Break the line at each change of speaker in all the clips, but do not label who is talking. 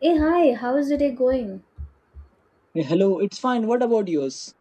Hey, hi, how's the day going?
Yes.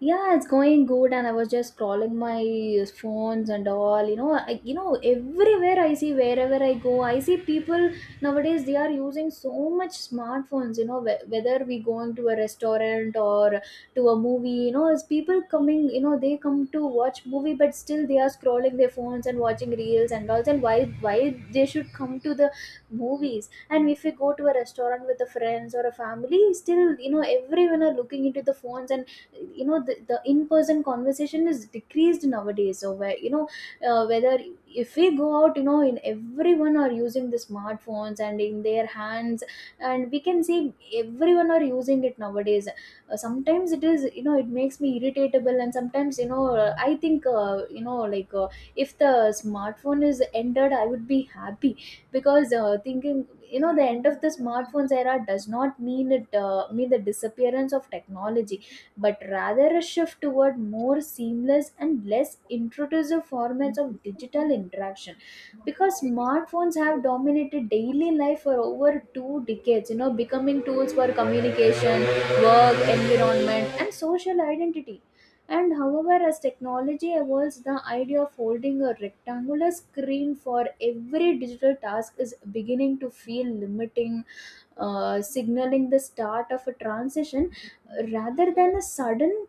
Yeah, it's going good, and I was just scrolling my phones and all. Everywhere I see, wherever I go, I see people nowadays. They are using so much smartphones. Whether we going to a restaurant or to a movie, it's people coming. They come to watch movie, but still they are scrolling their phones and watching reels and all. And why they should come to the movies? And if we go to a restaurant with the friends or a family, still, everyone are looking into the phones, and the in-person conversation is decreased nowadays. So where, whether if we go out, in everyone are using the smartphones and in their hands, and we can see everyone are using it nowadays. Sometimes it is, it makes me irritatable. And sometimes, I think, like, if the smartphone is ended, I would be happy. Because thinking, the end of the smartphones era does not mean the disappearance of technology, but rather a shift toward more seamless and less intrusive formats of digital interaction. Because smartphones have dominated daily life for over 2 decades, becoming tools for communication, work environment, and social identity. And however, as technology evolves, the idea of holding a rectangular screen for every digital task is beginning to feel limiting, signaling the start of a transition rather than a sudden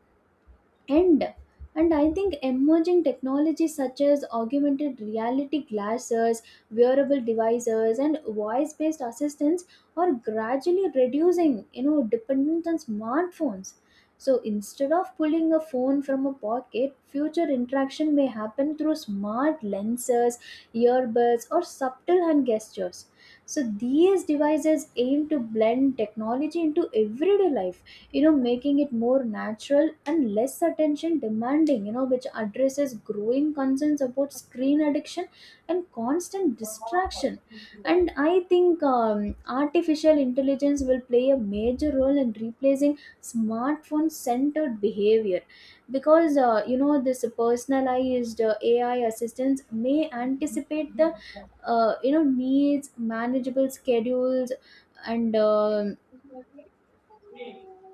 end. And I think emerging technologies such as augmented reality glasses, wearable devices, and voice-based assistants are gradually reducing dependence on smartphones. So instead of pulling a phone from a pocket, future interaction may happen through smart lenses, earbuds, or subtle hand gestures. So these devices aim to blend technology into everyday life, making it more natural and less attention demanding, which addresses growing concerns about screen addiction and constant distraction. And I think artificial intelligence will play a major role in replacing smartphone centered behavior. Because this personalized AI assistance may anticipate the needs, manageable schedules, and um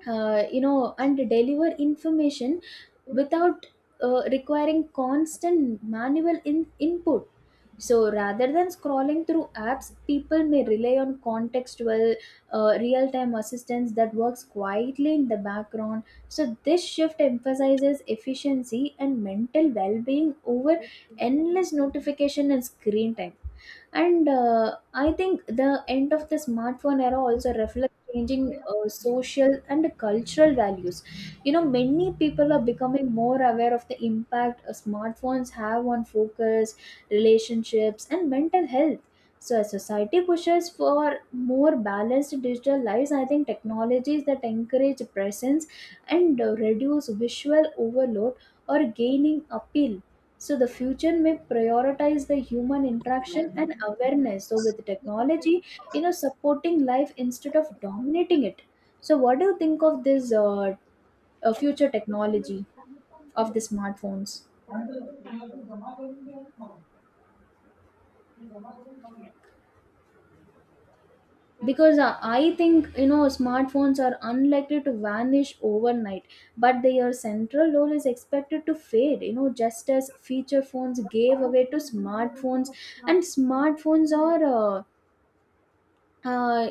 uh, you know and deliver information without requiring constant manual input. So rather than scrolling through apps, people may rely on contextual, real time assistance that works quietly in the background. So this shift emphasizes efficiency and mental well being over endless notification and screen time. And I think the end of the smartphone era also reflects changing social and cultural values. Many people are becoming more aware of the impact smartphones have on focus, relationships, and mental health. So as society pushes for more balanced digital lives, I think technologies that encourage presence and reduce visual overload or gaining appeal. So the future may prioritize the human interaction and awareness, so with technology, supporting life instead of dominating it. So what do you think of this future technology of the smartphones? Because I think, smartphones are unlikely to vanish overnight, but their central role is expected to fade, just as feature phones gave away to smartphones. And smartphones are uh,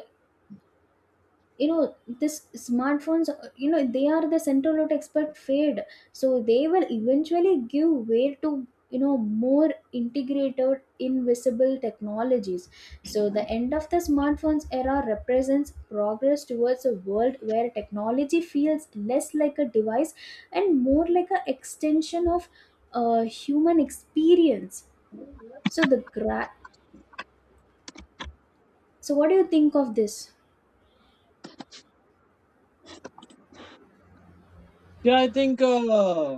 you know this smartphones, they are the central to expert fade. So they will eventually give way to, more integrated invisible technologies. So the end of the smartphones era represents progress towards a world where technology feels less like a device and more like an extension of human experience. so the gra- so what do you think of this?
Yeah, I think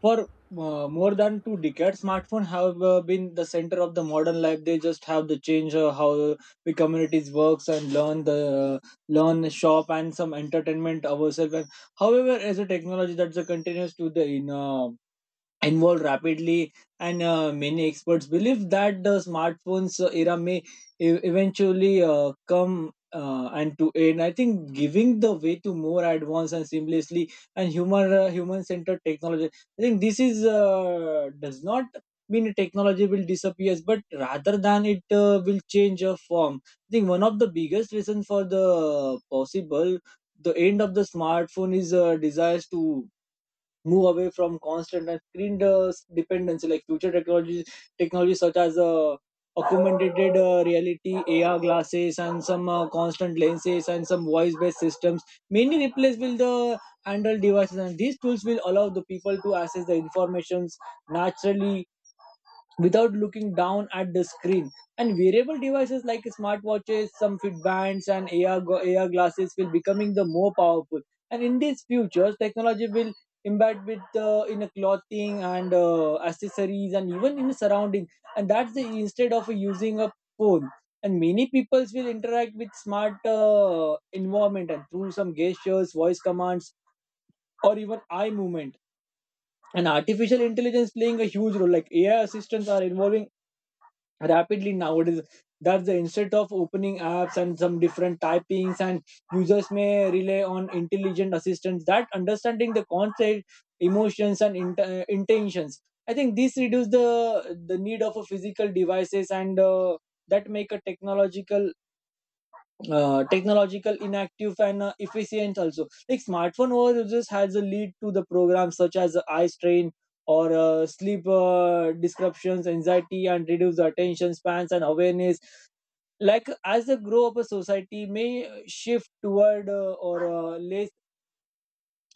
for more than two decades, smartphone have been the center of the modern life. They just have the change how the communities works and learn the learn shop and some entertainment ourselves. And however, as a technology that's a continues to the in evolved rapidly, and many experts believe that the smartphones era may eventually come and to end. I think giving the way to more advanced and seamlessly and human human centered technology. I think this is does not mean technology will disappear, but rather than it will change a form. I think one of the biggest reasons for the possible the end of the smartphone is desires to move away from constant and screen dependency like future technologies such as augmented reality ar glasses and some constant lenses and some voice based systems mainly replace will the handheld devices, and these tools will allow the people to access the informations naturally without looking down at the screen. And wearable devices like smartwatches, some fit bands, and AR, AR glasses will becoming the more powerful. And in these futures, technology will embed with in a clothing and accessories and even in the surrounding. And that's the instead of using a phone. And many peoples will interact with smart environment and through some gestures, voice commands, or even eye movement. And artificial intelligence playing a huge role. Like AI assistants are involving rapidly nowadays that's the instead of opening apps and some different typings, and users may rely on intelligent assistants that understanding the concept emotions and intentions. I think this reduce the need of a physical devices, and that make a technological technological inactive and efficient also. Like smartphone overuses has a lead to the programs such as eye strain or sleep disruptions, anxiety, and reduce attention spans and awareness. Like as the grow up a society may shift toward or less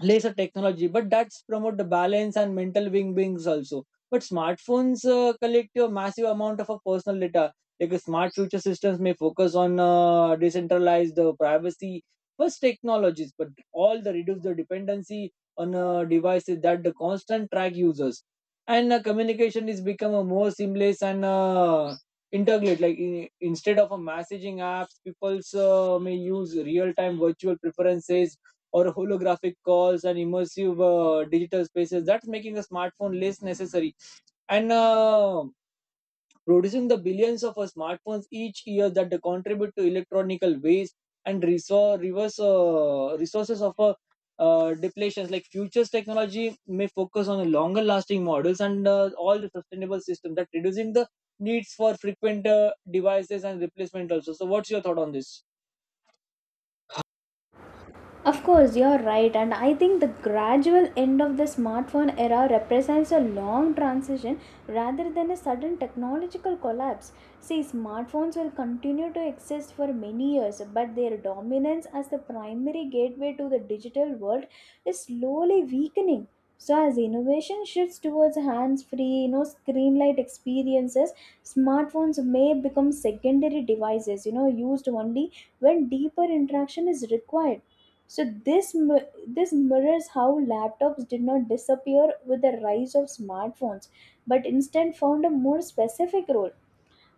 laser technology, but that's promote the balance and mental well beings also. But smartphones collect your massive amount of a personal data. Like smart future systems may focus on decentralized privacy first technologies, but all the reduce the dependency on devices that the constant track users. And communication is become a more seamless and integrate, like instead of a messaging apps, people may use real time virtual preferences or holographic calls and immersive digital spaces that's making a smartphone less necessary. And producing the billions of smartphones each year that they contribute to electronical waste and resource, reverse resources of depletions. Like futures technology may focus on longer lasting models and all the sustainable system that reducing the needs for frequent devices and replacement also. So what's your thought on this?
Of course, you're right, and I think the gradual end of the smartphone era represents a long transition rather than a sudden technological collapse. See, smartphones will continue to exist for many years, but their dominance as the primary gateway to the digital world is slowly weakening. So, as innovation shifts towards hands-free, screen light experiences, smartphones may become secondary devices, used only when deeper interaction is required. So this mirrors how laptops did not disappear with the rise of smartphones, but instead found a more specific role.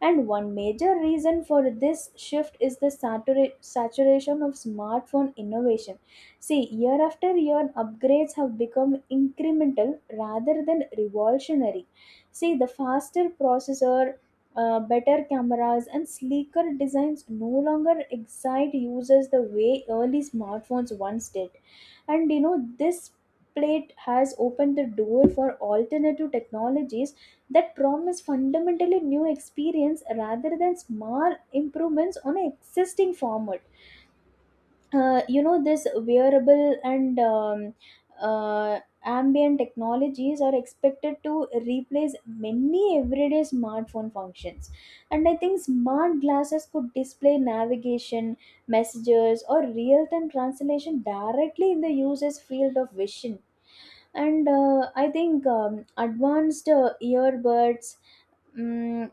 And one major reason for this shift is the saturation of smartphone innovation. See, year after year, upgrades have become incremental rather than revolutionary. See, the faster processor, better cameras, and sleeker designs no longer excite users the way early smartphones once did. And this plate has opened the door for alternative technologies that promise fundamentally new experience rather than small improvements on an existing format. This wearable and ambient technologies are expected to replace many everyday smartphone functions. And I think smart glasses could display navigation, messages, or real-time translation directly in the user's field of vision. And I think advanced earbuds mm,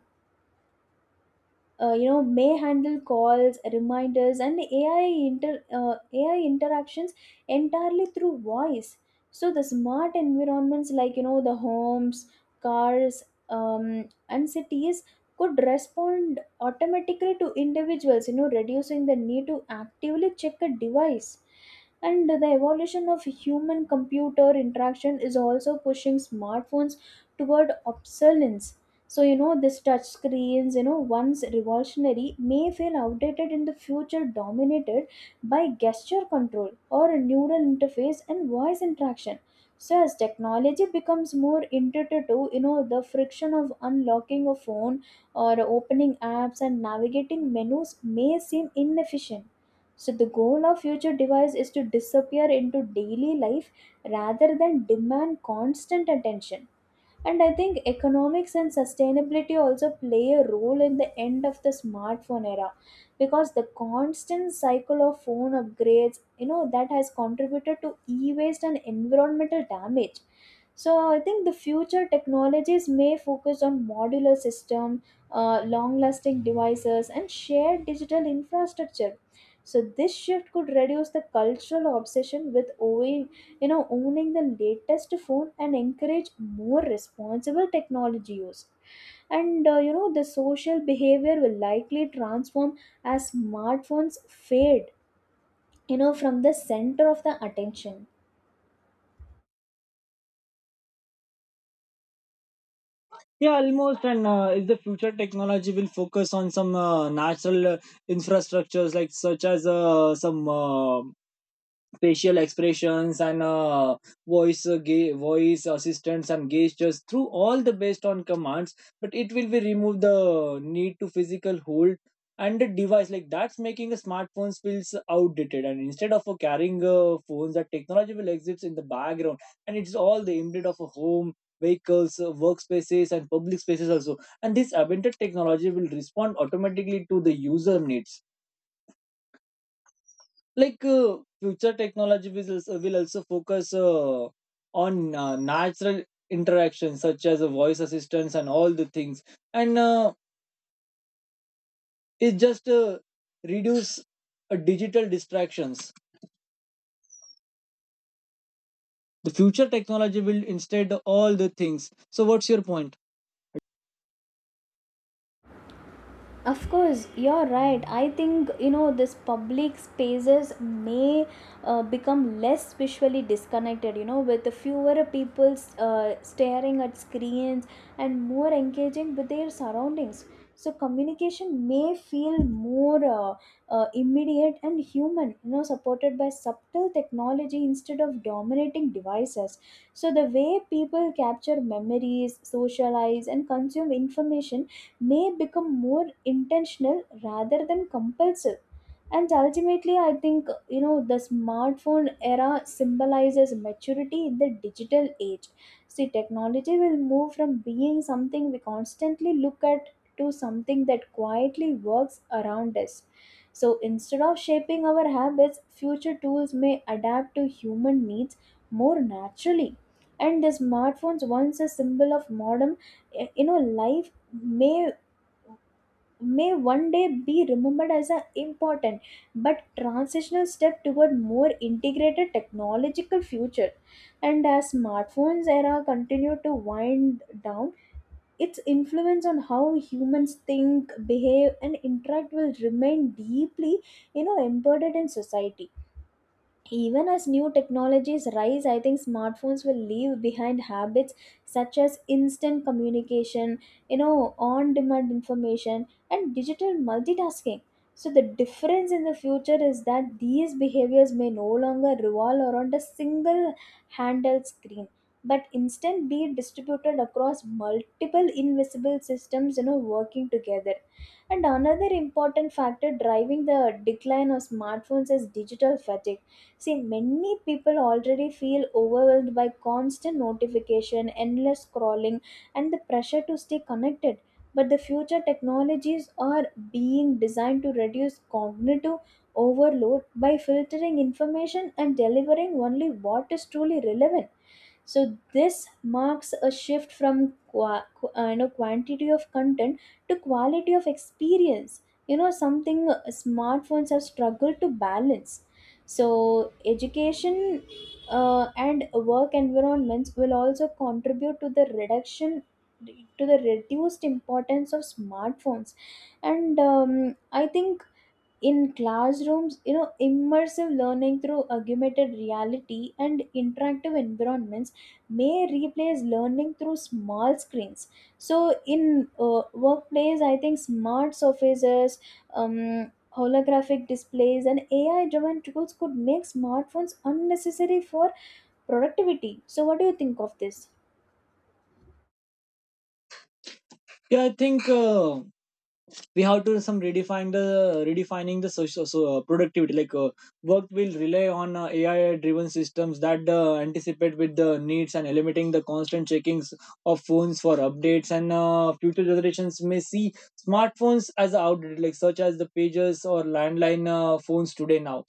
may handle calls, reminders, and inter uh, AI interactions entirely through voice. So the smart environments like, the homes, cars, and cities could respond automatically to individuals, reducing the need to actively check a device. And the evolution of human computer interaction is also pushing smartphones toward obsolescence. So, this touch screens, once revolutionary, may feel outdated in the future, dominated by gesture control or a neural interface and voice interaction. So, as technology becomes more intuitive, the friction of unlocking a phone or opening apps and navigating menus may seem inefficient. So, the goal of future device is to disappear into daily life rather than demand constant attention. And I think economics and sustainability also play a role in the end of the smartphone era, because the constant cycle of phone upgrades, that has contributed to e waste and environmental damage. So I think the future technologies may focus on modular system, long-lasting devices, and shared digital infrastructure. So this shift could reduce the cultural obsession with, owning the latest phone and encourage more responsible technology use. And the social behavior will likely transform as smartphones fade, from the center of the attention.
Yeah, almost. And if the future technology will focus on some natural infrastructures, like such as some facial expressions and voice voice assistants and gestures through all the based on commands, but it will be remove the need to physical hold and the device like that's making the smartphones feels outdated, and instead of carrying phones that technology will exist in the background and it's all the embedded of a home, vehicles, workspaces, and public spaces also. And this augmented technology will respond automatically to the user needs. Like future technology will will also focus on natural interactions such as voice assistants and all the things. And it just reduce digital distractions, the future technology will instead all the things. So what's your point?
Of course, you're right. I think, this public spaces may become less visually disconnected. With fewer people staring at screens and more engaging with their surroundings. So communication may feel more immediate and human. Supported by subtle technology instead of dominating devices. So the way people capture memories, socialize, and consume information may become more intentional rather than compulsive. And ultimately I think, the smartphone era symbolizes maturity in the digital age. See, technology will move from being something we constantly look at to something that quietly works around us. So instead of shaping our habits, future tools may adapt to human needs more naturally. And the smartphones, once a symbol of modern life, may may one day be remembered as an important but transitional step toward more integrated technological future. And as smartphones era continue to wind down, its influence on how humans think, behave, and interact will remain deeply, embedded in society. Even as new technologies rise, I think smartphones will leave behind habits such as instant communication, on demand information, and digital multitasking. So, the difference in the future is that these behaviors may no longer revolve around a single handheld screen, but instead be distributed across multiple invisible systems, working together. And another important factor driving the decline of smartphones is digital fatigue. See, many people already feel overwhelmed by constant notification, endless scrolling, and the pressure to stay connected. But the future technologies are being designed to reduce cognitive overload by filtering information and delivering only what is truly relevant. So this marks a shift from quantity of content to quality of experience. You know something, smartphones have struggled to balance, so education and work environments will also contribute to the reduction to the reduced importance of smartphones. And I think in classrooms, you know, immersive learning through augmented reality and interactive environments may replace learning through small screens. So in workplace, I think smart surfaces, um, holographic displays and ai driven tools could make smartphones unnecessary for productivity. So what do you think of this?
Yeah, I think we have to some redefine the redefining the social so, productivity. Like work will rely on AI-driven systems that anticipate with the needs and eliminating the constant checkings of phones for updates. And future generations may see smartphones as outdated, like such as the pages or landline phones today now.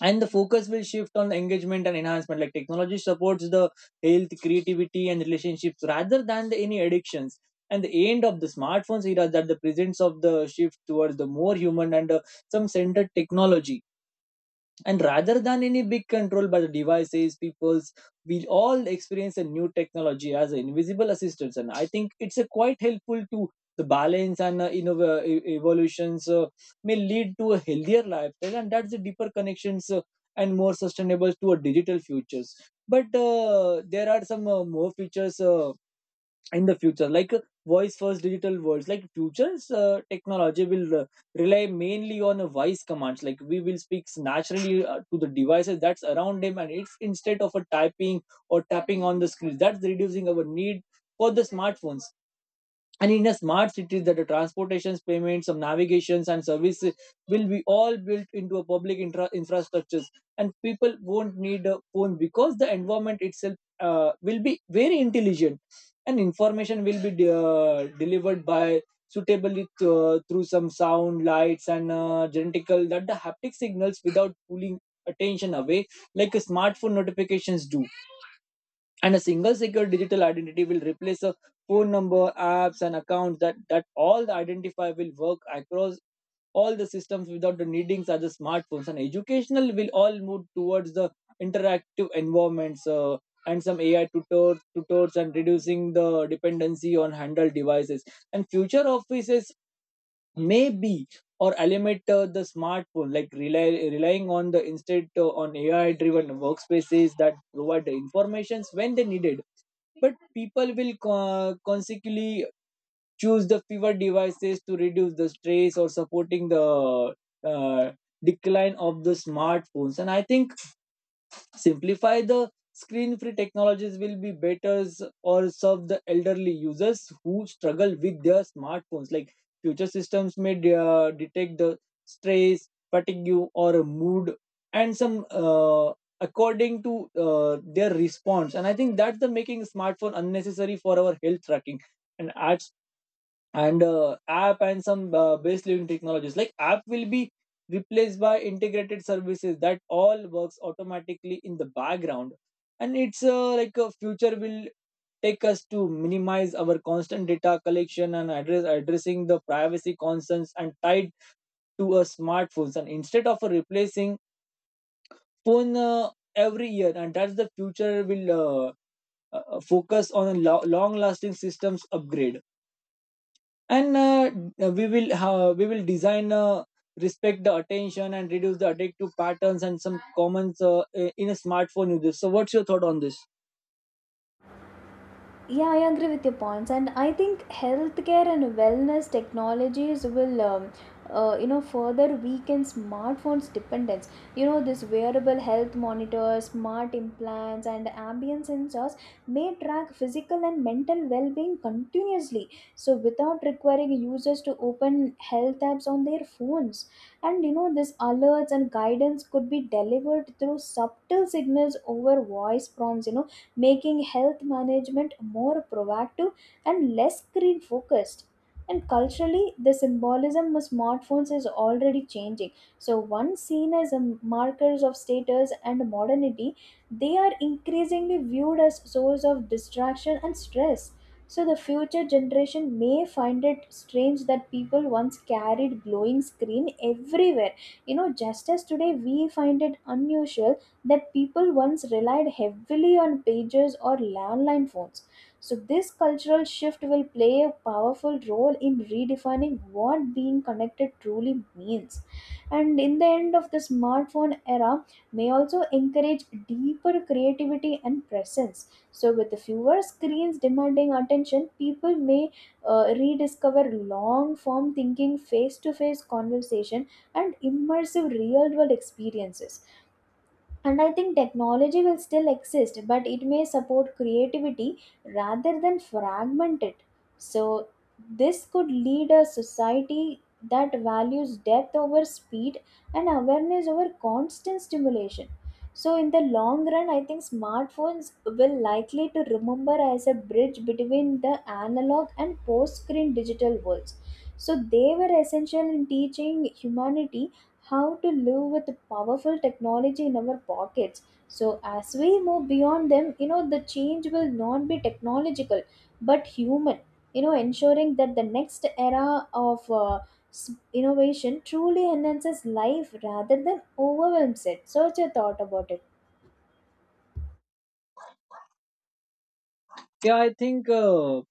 And the focus will shift on engagement and enhancement, like technology supports the health, creativity, and relationships rather than the any addictions. And the end of the smartphones era is that the presence of the shift towards the more human and some centered technology. And rather than any big control by the devices people's, we all experience a new technology as invisible assistants. And I think it's a quite helpful to the balance, and evolutions may lead to a healthier lifestyle, and that's the deeper connections and more sustainable to a digital futures. But there are some more features in the future, like voice first digital worlds. Like futures technology will rely mainly on voice commands. Like we will speak naturally to the devices that's around them, and it's instead of a typing or tapping on the screen that's reducing our need for the smartphones. And in a smart city, that the transportations, payments, some navigations, and services will be all built into a public infrastructures, and people won't need a phone because the environment itself will be very intelligent. And information will be delivered by suitably through some sound lights and genetical that the haptic signals without pulling attention away like a smartphone notifications do. And a single secure digital identity will replace a phone number, apps, and accounts that, that all the identifier will work across all the systems without the needing such as smartphones. And educational will all move towards the interactive environments, and some ai tutors and reducing the dependency on handheld devices. And future offices maybe or eliminate the smartphone, like relying on the instead on ai driven workspaces that provide the informations when they needed. But people will consequently choose the fewer devices to reduce the stress or supporting the uh, decline of the smartphones. And I think simplify the screen free technologies will be better or serve the elderly users who struggle with their smartphones. Like future systems may detect the stress, fatigue, or mood, and some according to their response. And I think that's the making smartphone unnecessary for our health tracking. And at and app and some base living technologies, like app will be replaced by integrated services that all works automatically in the background. And it's like a future will take us to minimize our constant data collection and address addressing the privacy concerns and tied to a smartphones, and instead of replacing phone every year, and that's the future will focus on a long lasting systems upgrade. And we will design respect the attention and reduce the addictive patterns and some comments in a smartphone usage. So what's your thought on this?
Yeah, I agree with your points, and I think healthcare and wellness technologies will you know further weaken smartphones dependence. You know, this wearable health monitors, smart implants and ambient sensors may track physical and mental well-being continuously, so without requiring users to open health apps on their phones. And you know, this alerts and guidance could be delivered through subtle signals over voice prompts, you know, making health management more proactive and less screen focused. And culturally, the symbolism of smartphones is already changing. So, once seen as a markers of status and modernity, they are increasingly viewed as source of distraction and stress. So, the future generation may find it strange that people once carried glowing screen everywhere. You know, just as today we find it unusual that people once relied heavily on pages or landline phones. So, this cultural shift will play a powerful role in redefining what being connected truly means. And in the end of the smartphone era, may also encourage deeper creativity and presence. So, with the fewer screens demanding attention, people may rediscover long form thinking, face to face conversation, and immersive real world experiences. And I think technology will still exist, but it may support creativity rather than fragment it. So this could lead a society that values depth over speed and awareness over constant stimulation. So in the long run, I think smartphones will likely to remember as a bridge between the analog and post screen digital worlds. So they were essential in teaching humanity how to live with the powerful technology in our pockets. So, as we move beyond them, you know, the change will not be technological but human, you know, ensuring that the next era of innovation truly enhances life rather than overwhelms it. So, what's your thought about it?
Yeah, I think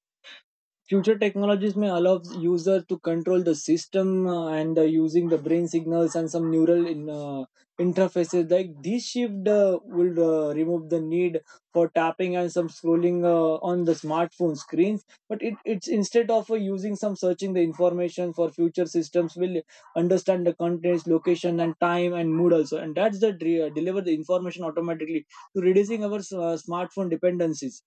future technologies may allow users to control the system and using the brain signals and some neural interfaces. Like this shift will remove the need for tapping and some scrolling on the smartphone screens. But it's instead of using some searching the information for future systems will understand the contents, location, and time and mood also. And that's the deliver the information automatically to reducing our smartphone dependencies.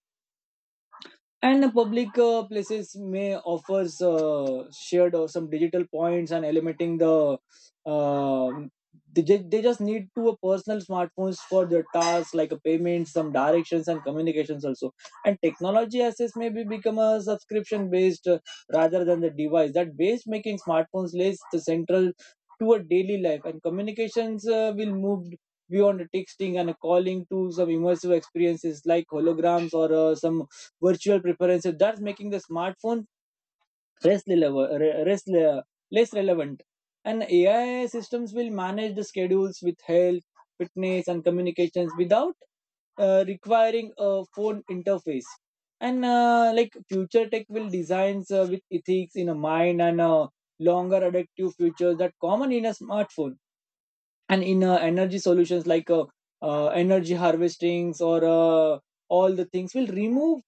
And the public places may offers shared or some digital points and eliminating the um they, they just need to a personal smartphones for their tasks like a payment, some directions, and communications also. And technology access may be become a subscription based, rather than the device that base making smartphones less the central to a daily life. And communications will move beyond the texting and calling to some immersive experiences like holograms or some virtual preferences. So that's making the smartphone less, less, less relevant. And AI systems will manage the schedules with health, fitness, and communications without requiring a phone interface. And like future tech will designs with ethics in a mind and longer adaptive features that common in a smartphone. And in energy solutions, like energy harvestings or all the things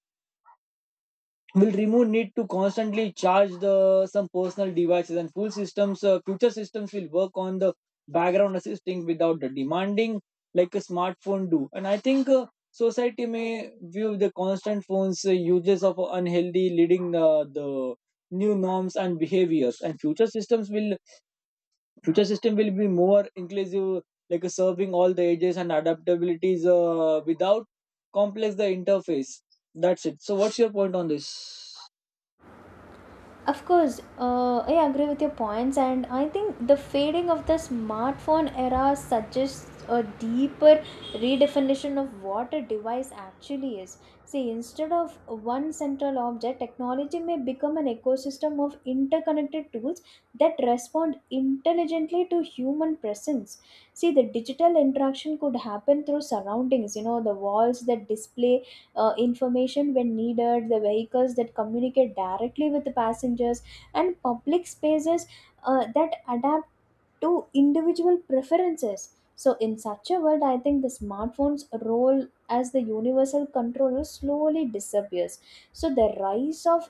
will remove need to constantly charge the some personal devices. And full systems, future systems will work on the background assisting without the demanding like a smartphone do. And I think society may view the constant phones uses of unhealthy leading the new norms and behaviors. And future systems will future system will be more inclusive, like serving all the ages and adaptabilities without complex the interface. That's it. So what's your point on this?
Of course, I agree with your points, and I think the fading of the smartphone era suggests a deeper redefinition of what a device actually is. See, instead of one central object, technology may become an ecosystem of interconnected tools that respond intelligently to human presence. See, the digital interaction could happen through surroundings, you know, the walls that display information when needed, the vehicles that communicate directly with the passengers, and public spaces that adapt to individual preferences. So, in such a world, I think the smartphone's role as the universal controller slowly disappears. So, the rise of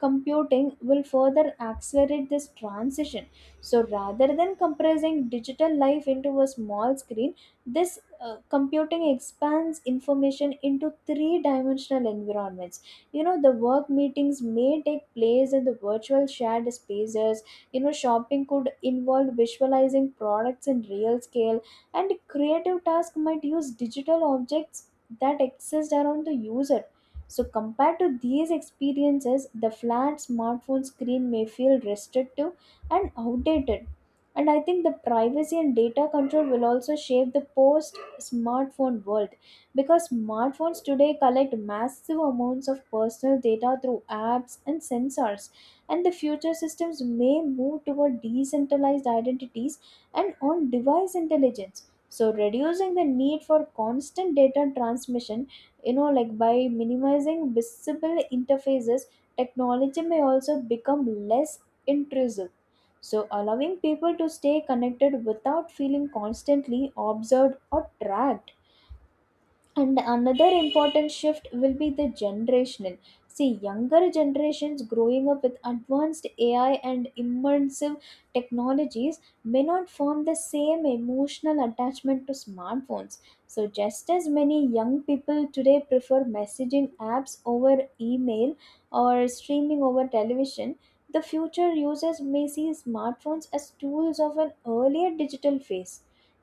computing will further accelerate this transition. So, rather than compressing digital life into a small screen, this computing expands information into three dimensional environments. You know, the work meetings may take place in the virtual shared spaces. You know, shopping could involve visualizing products in real scale, and creative tasks might use digital objects that exist around the user. So compared to these experiences, the flat smartphone screen may feel restrictive and outdated. And I think the privacy and data control will also shape the post smartphone world, because smartphones today collect massive amounts of personal data through apps and sensors. And the future systems may move toward decentralized identities and on device intelligence, so reducing the need for constant data transmission. You know, like by minimizing visible interfaces, technology may also become less intrusive, so allowing people to stay connected without feeling constantly observed or tracked. And another important shift will be the generational. See, younger generations growing up with advanced ai and immersive technologies may not form the same emotional attachment to smartphones. So just as many young people today prefer messaging apps over email or streaming over television, the future users may see smartphones as tools of an earlier digital phase.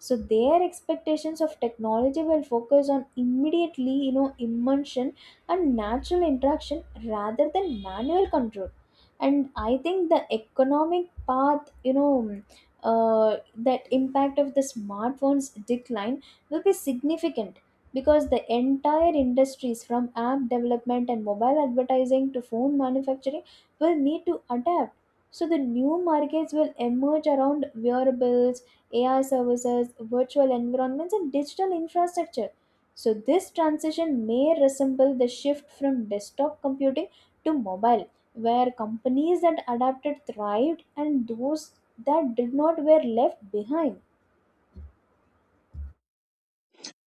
So their expectations of technology will focus on immediately, you know, immersion and natural interaction rather than manual control. And I think the economic path, you know, that impact of the smartphones decline will be significant, because the entire industries from app development and mobile advertising to phone manufacturing will need to adapt. So the new markets will emerge around wearables, AI services, virtual environments, and digital infrastructure. So, this transition may resemble the shift from desktop computing to mobile, where companies that adapted thrived and those that did not were left behind.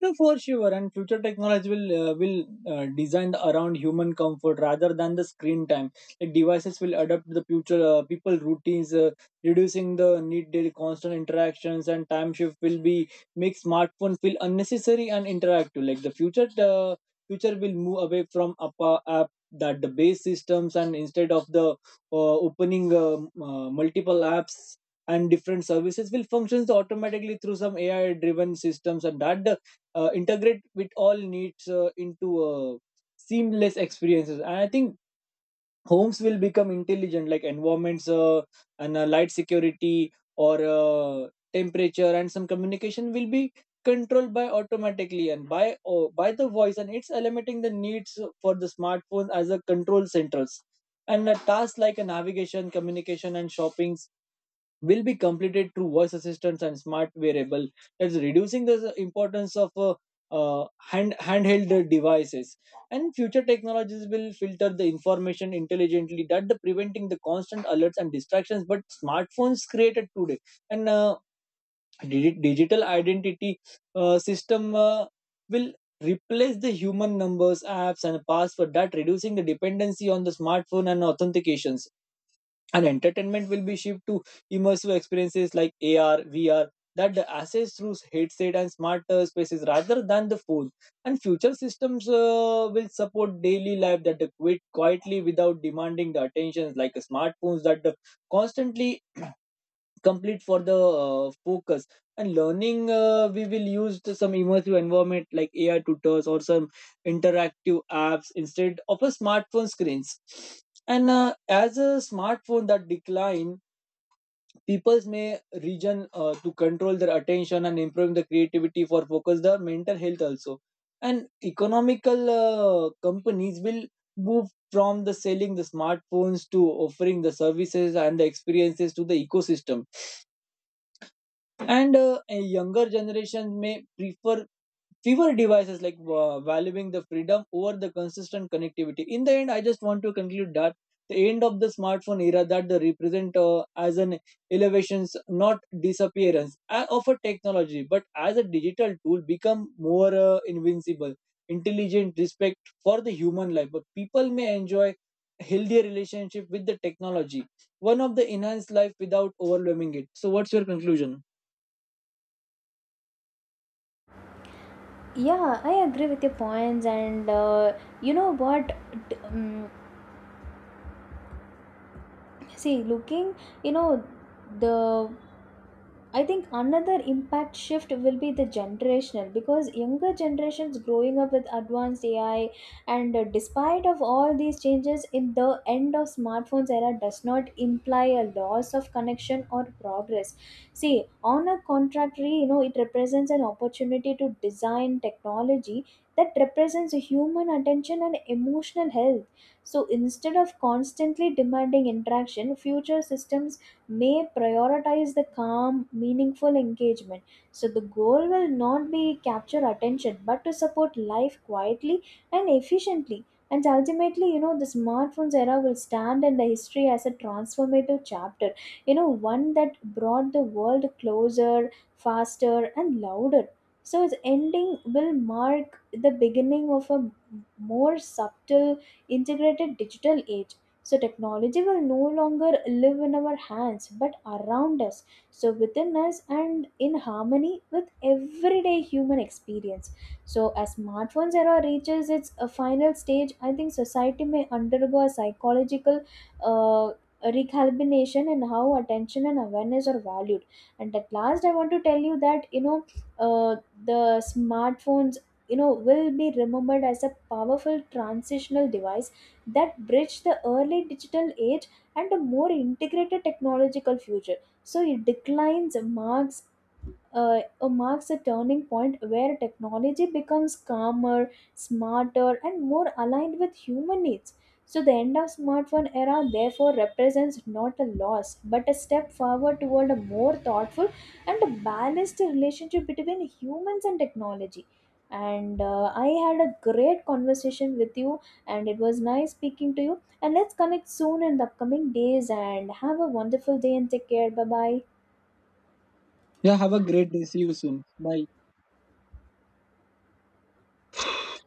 No, for sure. And future technology will designed around human comfort rather than the screen time. Like devices will adapt the future people routines, reducing the need daily constant interactions, and time shift will be make smartphone feel unnecessary and interactive. Like the future future will move away from app that the base systems, and instead of the opening multiple apps and different services will functions automatically through some ai driven systems, and that integrate with all needs into seamless experiences. And I think homes will become intelligent like environments, and light, security, or temperature and some communication will be controlled by automatically and by the voice, and it's eliminating the needs for the smartphones as a control centers. And a task like a navigation, communication, and shopping will be completed through voice assistants and smart wearable, that's reducing the importance of handheld devices. And future technologies will filter the information intelligently that the preventing the constant alerts and distractions but smartphones created today. And digital identity system will replace the human numbers, apps, and password that reducing the dependency on the smartphone and authentications. And entertainment will be shift to immersive experiences like AR, VR that the access through headset and smart spaces rather than the phone. And future systems will support daily life that quit quietly without demanding the attentions like smartphones that constantly complete for the focus. And learning we will use to some immersive environment like ai tutors or some interactive apps instead of a smartphone screens. And as a smartphone that decline, people may region to control their attention and improve the creativity for focus the mental health also. And economical companies will move from the selling the smartphones to offering the services and the experiences to the ecosystem. And a younger generation may prefer fewer devices, like valuing the freedom over the consistent connectivity. In the end, I just want to conclude that the end of the smartphone era that they represent as an elevations, not disappearance of a technology, but as a digital tool become more invincible intelligent respect for the human life, but people may enjoy healthier relationship with the technology, one of the enhanced life without overwhelming it. So what's your conclusion?
Yeah, I agree with your points, and you know what? D- um, See, looking, you know the I think another impact shift will be the generational, because younger generations growing up with advanced ai, and despite of all these changes in the end of smartphones era does not imply a loss of connection or progress. See, on a contrary, you know, it represents an opportunity to design technology that represents human attention and emotional health. So instead of constantly demanding interaction, future systems may prioritize the calm, meaningful engagement. So the goal will not be capture attention, but to support life quietly and efficiently. And ultimately, you know, the smartphones era will stand in the history as a transformative chapter. You know, one that brought the world closer, faster, and louder. So its ending will mark the beginning of a more subtle integrated digital age. So, technology will no longer live in our hands but around us, so within us and in harmony with everyday human experience. So, as smartphones era reaches its final stage, I think society may undergo a psychological uh, recalibration in how attention and awareness are valued. And at last, I want to tell you that, you know, uh, the smartphone, you know, will be remembered as a powerful transitional device that bridged the early digital age and a more integrated technological future. So it declines marks marks a turning point where technology becomes calmer, smarter, and more aligned with human needs. So the end of smartphone era therefore represents not a loss but a step forward toward a more thoughtful and a balanced relationship between humans and technology. And I had a great conversation with you, and it was nice speaking to you. And let's connect soon in the upcoming days. And have a wonderful day and take care. Bye bye.
Yeah, have a great day. See you soon. Bye.